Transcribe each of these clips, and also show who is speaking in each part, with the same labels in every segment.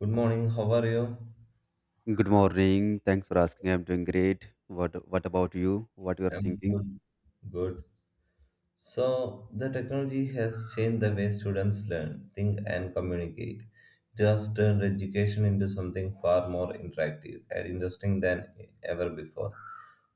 Speaker 1: Good morning, how are you?
Speaker 2: Good morning. Thanks for asking. I'm doing great. What about you? What you are
Speaker 1: I'm
Speaker 2: thinking?
Speaker 1: good. Good. So, the technology has changed the way students learn, think, and communicate. It has turned education into something far more interactive and interesting than ever before.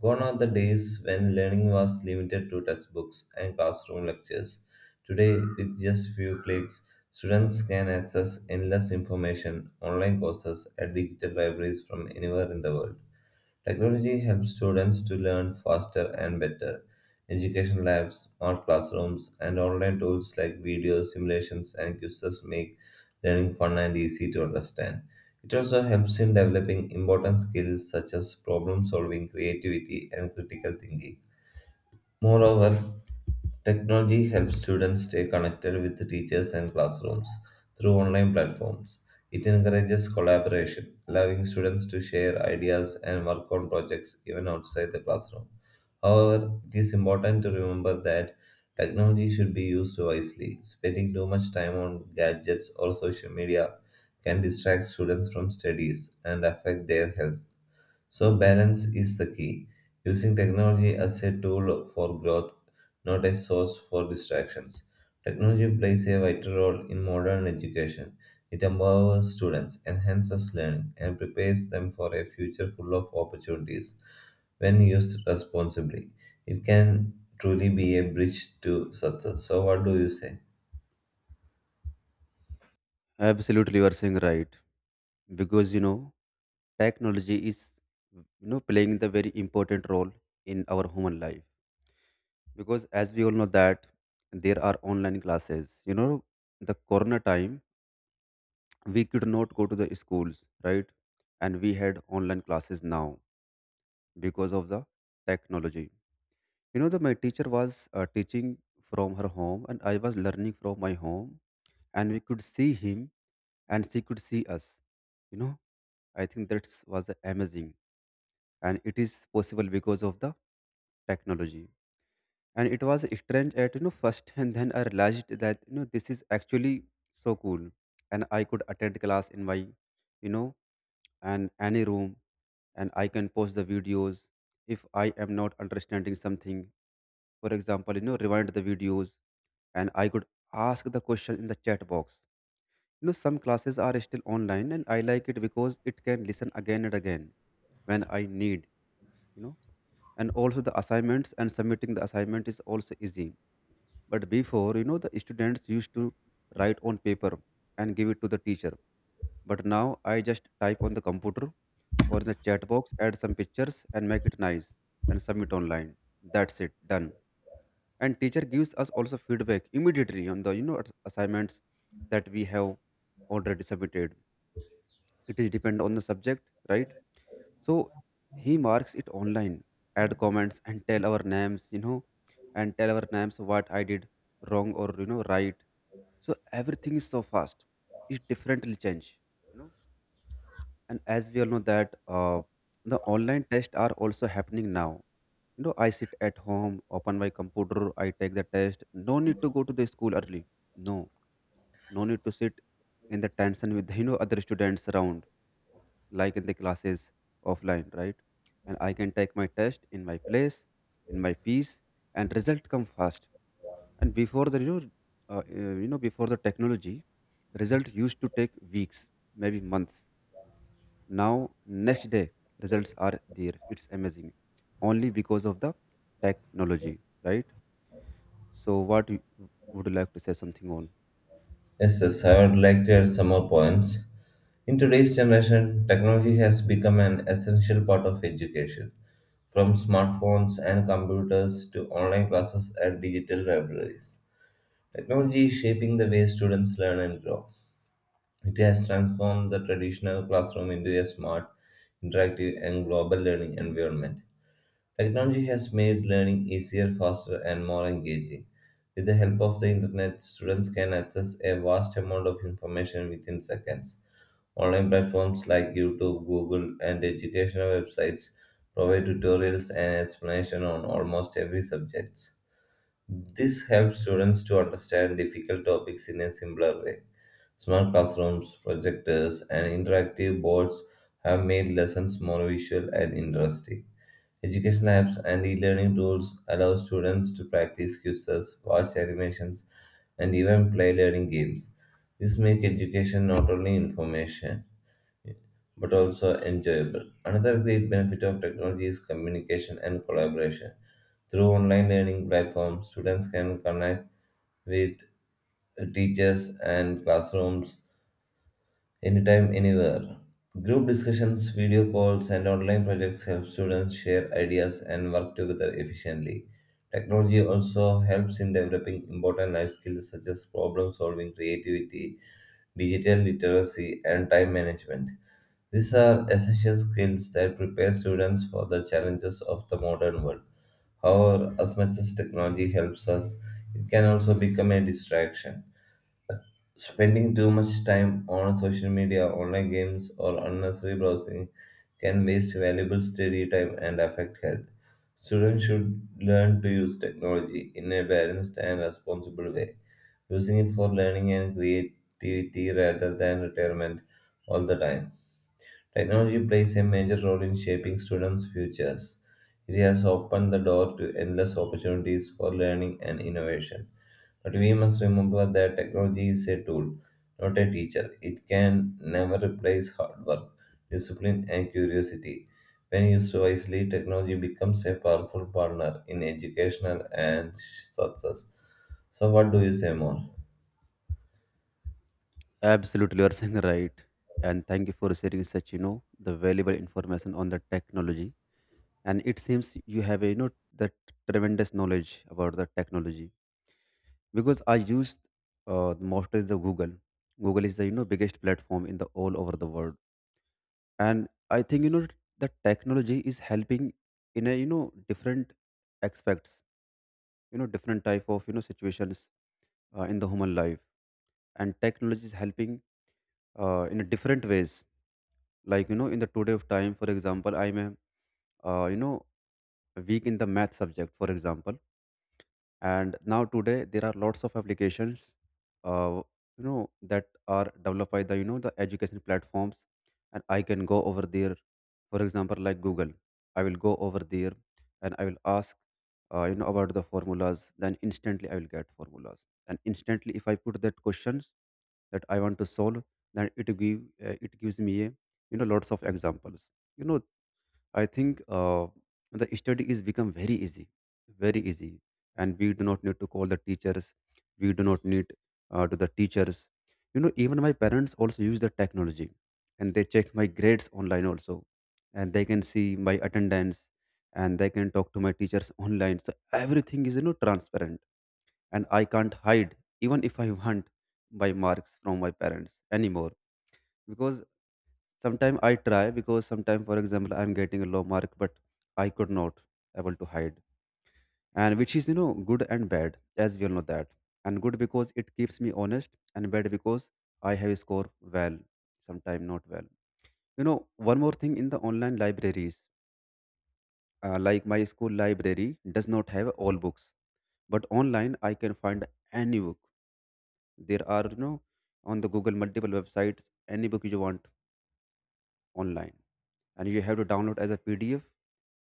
Speaker 1: Gone are the days when learning was limited to textbooks and classroom lectures. Today, with just few clicks, students can access endless information, online courses, and digital libraries from anywhere in the world. Technology helps students to learn faster and better. Education labs, smart classrooms, and online tools like videos, simulations, and quizzes make learning fun and easy to understand. It also helps in developing important skills such as problem solving, creativity, and critical thinking. Moreover, technology helps students stay connected with teachers and classrooms through online platforms. It encourages collaboration, allowing students to share ideas and work on projects even outside the classroom. However, it is important to remember that technology should be used wisely. Spending too much time on gadgets or social media can distract students from studies and affect their health. So, balance is the key, using technology as a tool for growth, not a source for distractions. Technology plays a vital role in modern education. It empowers students, enhances learning, and prepares them for a future full of opportunities when used responsibly. It can truly be a bridge to success. So, what do you say?
Speaker 2: Absolutely, you are saying right. Because you know, technology is you know playing the very important role in our human life. Because as we all know that there are online classes. You know, the corona time we could not go to the schools, right? And we had online classes now because of the technology. You know, that my teacher was teaching from her home, and I was learning from my home, and we could see him, and she could see us. You know, I think that was amazing, and it is possible because of the technology. And it was strange at you know first, and then I realized that you know this is actually so cool, and I could attend class in my, you know, and any room, and I can post the videos if I am not understanding something for example, you know, rewind the videos and I could ask the question in the chat box. You know, some classes are still online and I like it because it can listen again and again when I need, you know, and also the assignments and submitting the assignment is also easy. But before, you know, the students used to write on paper and give it to the teacher. But now I just type on the computer or in the chat box, add some pictures and make it nice and submit online. That's it, done. And teacher gives us also feedback immediately on the you know assignments that we have already submitted. It is depend on the subject, right? So he marks it online, add comments and tell our names, you know, and tell our names what I did wrong or you know right. So everything is so fast. It differently change, you know. And as we all know that the online tests are also happening now. You know, I sit at home, open my computer, I take the test. No need to go to the school early. No, no need to sit in the tension with you know other students around, like in the classes offline, right? And I can take my test in my place, in my peace, and result come fast. And before the you know before the technology, result used to take weeks, maybe months. Now, next day, results are there. It's amazing, only because of the technology, right? So, what would you like to say something on?
Speaker 1: Yes, yes, I would like to add some more points. In today's generation, technology has become an essential part of education. From smartphones and computers to online classes and digital libraries, technology is shaping the way students learn and grow. It has transformed the traditional classroom into a smart, interactive, and global learning environment. Technology has made learning easier, faster, and more engaging. With the help of the internet, students can access a vast amount of information within seconds. Online platforms like YouTube, Google, and educational websites provide tutorials and explanation on almost every subject. This helps students to understand difficult topics in a simpler way. Smart classrooms, projectors, and interactive boards have made lessons more visual and interesting. Education apps and e-learning tools allow students to practice quizzes, watch animations, and even play learning games. This makes education not only information but also enjoyable. Another great benefit of technology is communication and collaboration. Through online learning platforms, students can connect with teachers and classrooms anytime, anywhere. Group discussions, video calls, and online projects help students share ideas and work together efficiently. Technology also helps in developing important life skills such as problem solving, creativity, digital literacy, and time management. These are essential skills that prepare students for the challenges of the modern world. However, as much as technology helps us, it can also become a distraction. Spending too much time on social media, online games, or unnecessary browsing can waste valuable study time and affect health. Students should learn to use technology in a balanced and responsible way, using it for learning and creativity rather than retirement all the time. Technology plays a major role in shaping students' futures. It has opened the door to endless opportunities for learning and innovation, but we must remember that technology is a tool, not a teacher. It can never replace hard work, discipline, and curiosity. When used wisely, technology becomes a powerful partner in educational and success. So, what do you say more?
Speaker 2: Absolutely, you are saying right. And thank you for sharing such, you know, the valuable information on the technology. And it seems you have, a, you know, that tremendous knowledge about the technology, because I used mostly the Google. Google is the, you know, biggest platform in the all over the world. And I think, you know, the technology is helping in a, you know, different aspects, you know, different type of, you know, situations in the human life. And technology is helping in a different ways, like you know in the today of time, for example, I'm a you know weak in the math subject, for example. And now today there are lots of applications, uh, you know, that are developed by the you know the education platforms, and I can go over there, for example like Google. I will go over there and I will ask you know about the formulas, then instantly I will get formulas, and instantly if I put that questions that I want to solve, then it give it gives me a, you know, lots of examples, you know. I think the study is become very easy, and we do not need to call the teachers. We do not need to the teachers. You know, even my parents also use the technology, and they check my grades online also, and they can see my attendance, and they can talk to my teachers online. So everything is you know transparent, and I can't hide even if I want my marks from my parents anymore, because sometimes I try because sometimes, for example, I'm getting a low mark, but I could not able to hide, and which is you know good and bad, as we all know that. And good because it keeps me honest, and bad because I have score well, sometimes not well. You know, one more thing in the online libraries, like my school library does not have all books, but online I can find any book. There are you know on the Google multiple websites, any book you want online, and you have to download as a PDF,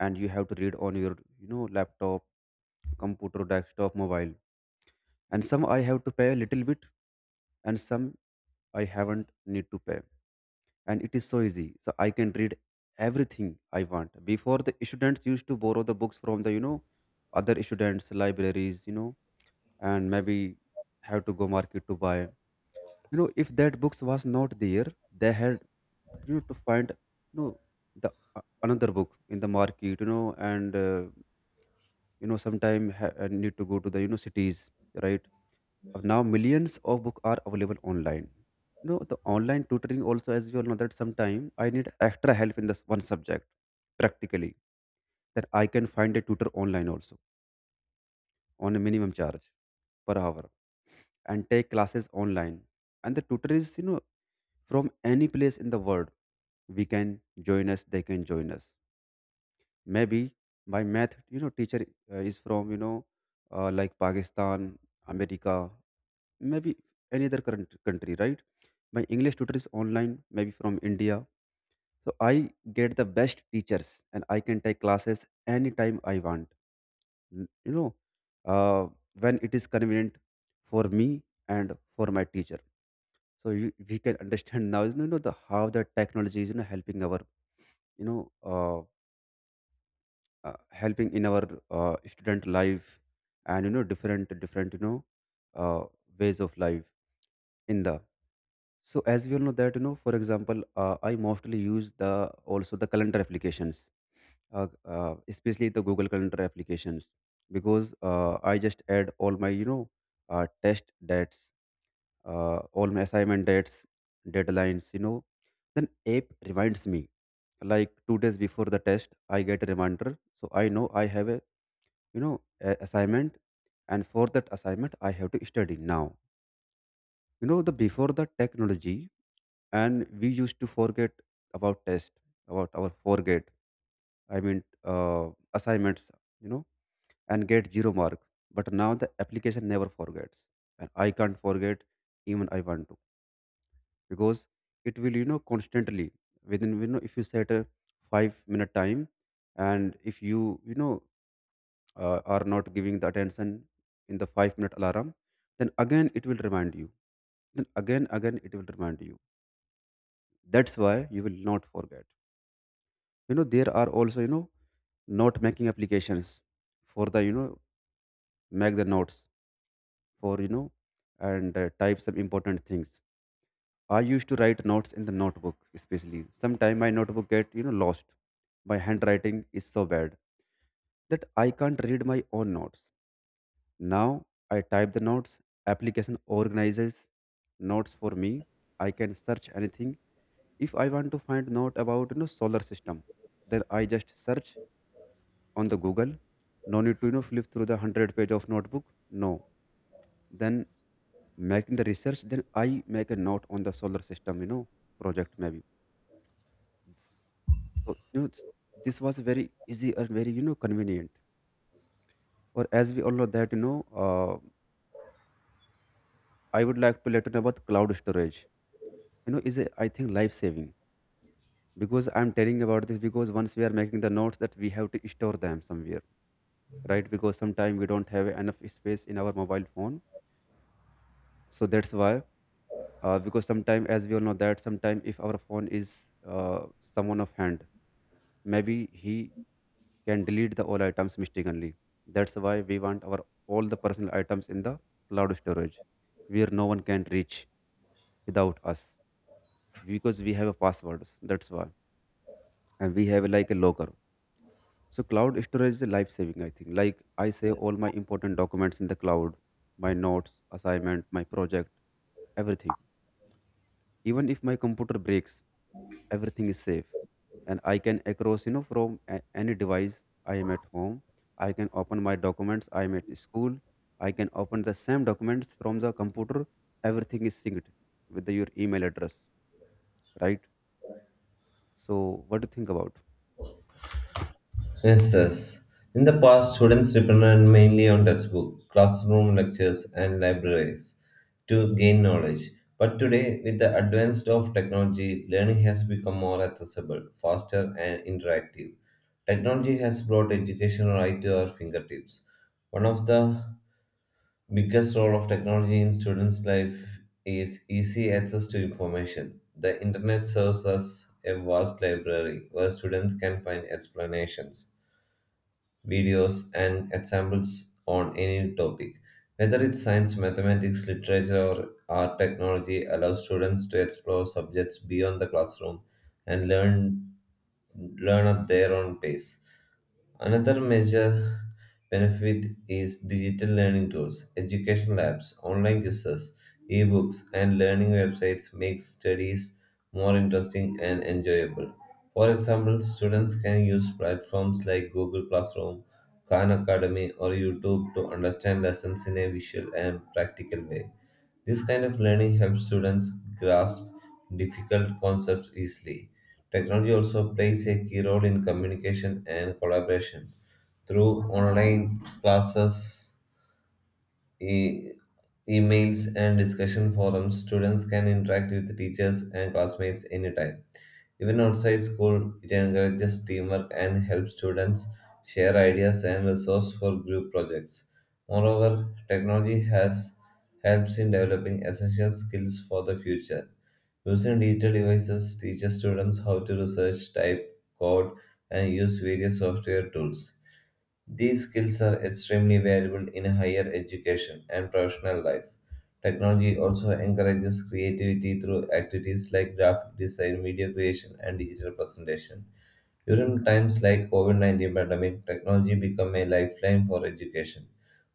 Speaker 2: and you have to read on your you know laptop, computer, desktop, mobile. And some I have to pay a little bit, and some I haven't need to pay, and it is so easy, so I can read everything I want. Before the students used to borrow the books from the you know other students libraries, you know, and maybe have to go market to buy, you know, if that books was not there, they had you know to find you know the another book in the market, you know. And you know sometime need to go to the you know cities, right? Now millions of book are available online. You know, the online tutoring also, as we all know that sometime I need extra help in this one subject practically, that I can find a tutor online also, on a minimum charge per hour, and take classes online. And the tutor is you know from any place in the world. We can join us, they can join us. Maybe my math you know teacher is from you know like Pakistan, America, maybe any other current country, right? My English tutor is online, maybe from India. So I get the best teachers, and I can take classes anytime I want. You know, uh, when it is convenient for me and for my teacher. So you, we can understand now you know the how the technology is you know helping our you know uh, helping in our student life, and you know different different you know uh, ways of life in the. So as we all know that you know, for example, I mostly use the also the calendar applications, uh, especially the Google calendar applications, because I just add all my you know test dates, all my assignment dates, deadlines, you know, then app reminds me, like 2 days before the test I get a reminder, so I know I have a you know assignment, and for that assignment I have to study. Now you know the before the technology, and we used to forget about test, about our forget, I mean, uh, assignments, you know, and get zero mark. But now the application never forgets, and I can't forget, even I want to, because it will you know constantly within you know, if you set a 5-minute time, and if you you know are not giving the attention in the 5-minute alarm, then again it will remind you, then again again it will remind you. That's why you will not forget. You know, there are also you know note making applications for the you know make the notes for you know, and type some important things. I used to write notes in the notebook, especially sometimes my notebook get you know lost. My handwriting is so bad that I can't read my own notes. Now I type the notes. Application organizes notes for me. I can search anything. If I want to find note about you know solar system, then I just search on the Google. No need to you know flip through the 100 page of notebook. No. Then making the research, then I make a note on the solar system, you know, project maybe. It's- So you know, this was very easy and very you know convenient. Or as we all know that you know, uh, I would like to let you know about cloud storage. You know, is a, I think, life saving, because I'm telling about this because once we are making the notes that we have to store them somewhere, right? Because sometimes we don't have enough space in our mobile phone, so that's why, because sometimes as we all know that sometimes if our phone is uh, someone of hand, maybe he can delete the all items mistakenly. That's why we want our all the personal items in the cloud storage, where no one can reach without us, because we have a passwords, that's why, and we have like a locker. So cloud storage is a life saving, I think. Like I save all my important documents in the cloud, my notes, assignment, my project, everything. Even if my computer breaks, everything is safe, and I can across you know from any device. I am at home. I can open my documents. I am at school. I can open the same documents from the computer. Everything is synced with the, your email address, right? So, what do you think about?
Speaker 1: Yes, yes. In the past, students depended mainly on textbooks, classroom lectures, and libraries to gain knowledge. But today, with the advance of technology, learning has become more accessible, faster, and interactive. Technology has brought education right to our fingertips. One of the biggest role of technology in students' life is easy access to information. The internet serves as a vast library where students can find explanations, videos, and examples on any topic. Whether it's science, mathematics, literature, or technology, allows students to explore subjects beyond the classroom and learn at their own pace. Another major benefit is digital learning tools. Education labs, online quizzes, ebooks, and learning websites make studies more interesting and enjoyable. For example, students can use platforms like Google Classroom, Khan Academy, or YouTube to understand lessons in a visual and practical way. This kind of learning helps students grasp difficult concepts easily. Technology also plays a key role in communication and collaboration. Through online classes, e- emails, and discussion forums, students can interact with teachers and classmates anytime. Even outside school, it encourages teamwork and helps students share ideas and resources for group projects. Moreover, technology has helps in developing essential skills for the future. Using digital devices teaches students how to research, type, code, and use various software tools. These skills are extremely valuable in higher education and professional life. Technology also encourages creativity through activities like graphic design, video creation, and digital presentation. During times like COVID-19 pandemic, technology became a lifeline for education.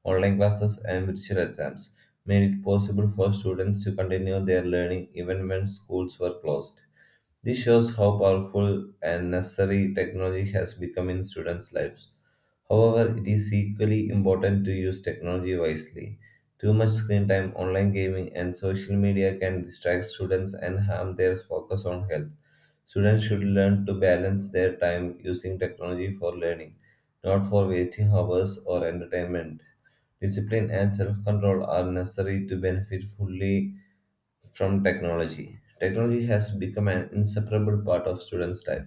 Speaker 1: Online classes and virtual exams made it possible for students to continue their learning even when schools were closed. This shows how powerful and necessary technology has become in students' lives. However, it is equally important to use technology wisely. Too much screen time, online gaming, and social media can distract students and harm their focus on health. Students should learn to balance their time using technology for learning, not for wasting hours or entertainment. Discipline and self control are necessary to benefit fully from technology. Technology has become an inseparable part of students' life.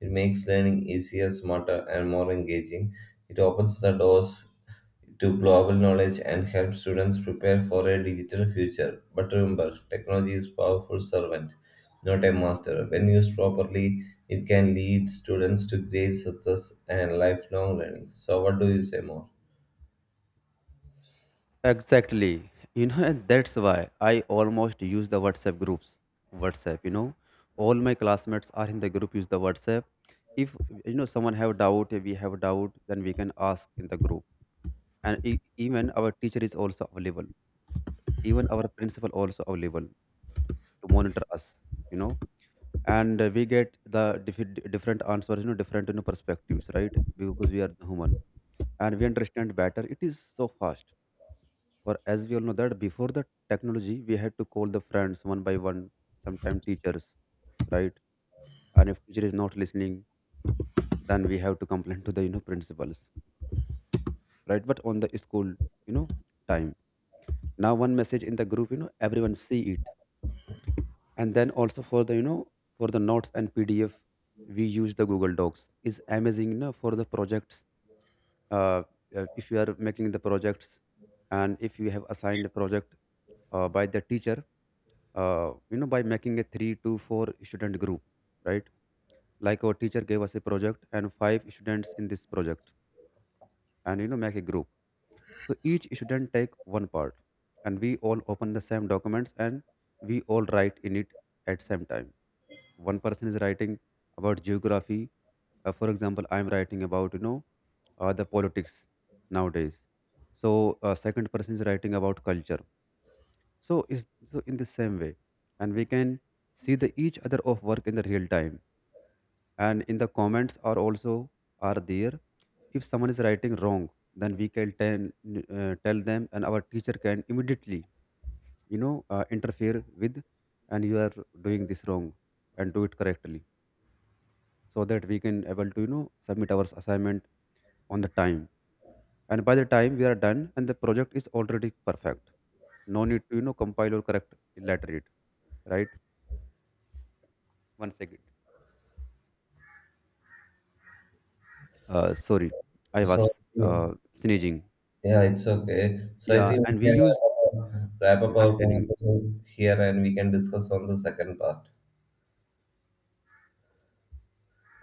Speaker 1: It makes learning easier, smarter, and more engaging. It opens the doors to global knowledge and helps students prepare for a digital future. But remember, technology is a powerful servant, not a master. When used properly, it can lead students to great success and lifelong learning. So, what do you say more?
Speaker 2: Exactly. You know, and that's why I almost use the WhatsApp groups. WhatsApp, you know, all my classmates are in the group. Use the WhatsApp. If you know someone have doubt, we have doubt, then we can ask in the group. And even our teacher is also available. Even our principal also available to monitor us. You know, and we get the different answers. You know, different you know perspectives, right? Because we are human and we understand better. It is so fast, or as we all know that before the technology we had to call the friends one by one, sometimes teachers, right? And if teacher is not listening, then we have to complain to the you know principals, right? But on the school you know time, now one message in the group, you know, everyone see it. And then also for the you know for the notes and PDF, we use the Google Docs, is amazing, you know, for the projects. uh, if you are making the projects, and if you have assigned a project by the teacher, you know by making a 3 to 4 student group, right? Like our teacher gave us a project and 5 students in this project, and you know make a group. So each student take one part, and we all open the same documents, and we all write in it at same time. One person is writing about geography, for example I am writing about you know the politics nowadays, so second person is writing about culture. So is so in the same way, and we can see the each other of work in the real time. And in the comments are also are there. If someone is writing wrong, then we can tell tell them, and our teacher can immediately you know interfere with, and you are doing this wrong, and do it correctly, so that we can able to you know submit our assignment on the time. And by the time we are done, and the project is already perfect. No need to you know compile or correct later it, right? One second. Sorry, I
Speaker 1: So,
Speaker 2: was sneezing.
Speaker 1: yeah, it's okay. So I
Speaker 2: Yeah,
Speaker 1: think we
Speaker 2: and we
Speaker 1: can wrap
Speaker 2: use.
Speaker 1: up our
Speaker 2: Yeah, I'm telling.
Speaker 1: conversation here and we can discuss on the second part.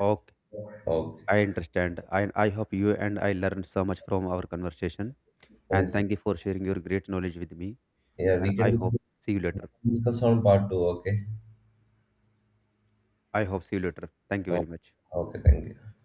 Speaker 2: Okay,
Speaker 1: Okay.
Speaker 2: I understand. I hope you and I learned so much from our conversation. And
Speaker 1: Yes.
Speaker 2: thank you for sharing your great knowledge with me.
Speaker 1: Yeah,
Speaker 2: And
Speaker 1: we can
Speaker 2: I hope
Speaker 1: discuss,
Speaker 2: see you later.
Speaker 1: discuss on part two. Okay.
Speaker 2: I hope see you later. Thank you very
Speaker 1: Okay.
Speaker 2: much.
Speaker 1: Okay. Thank you.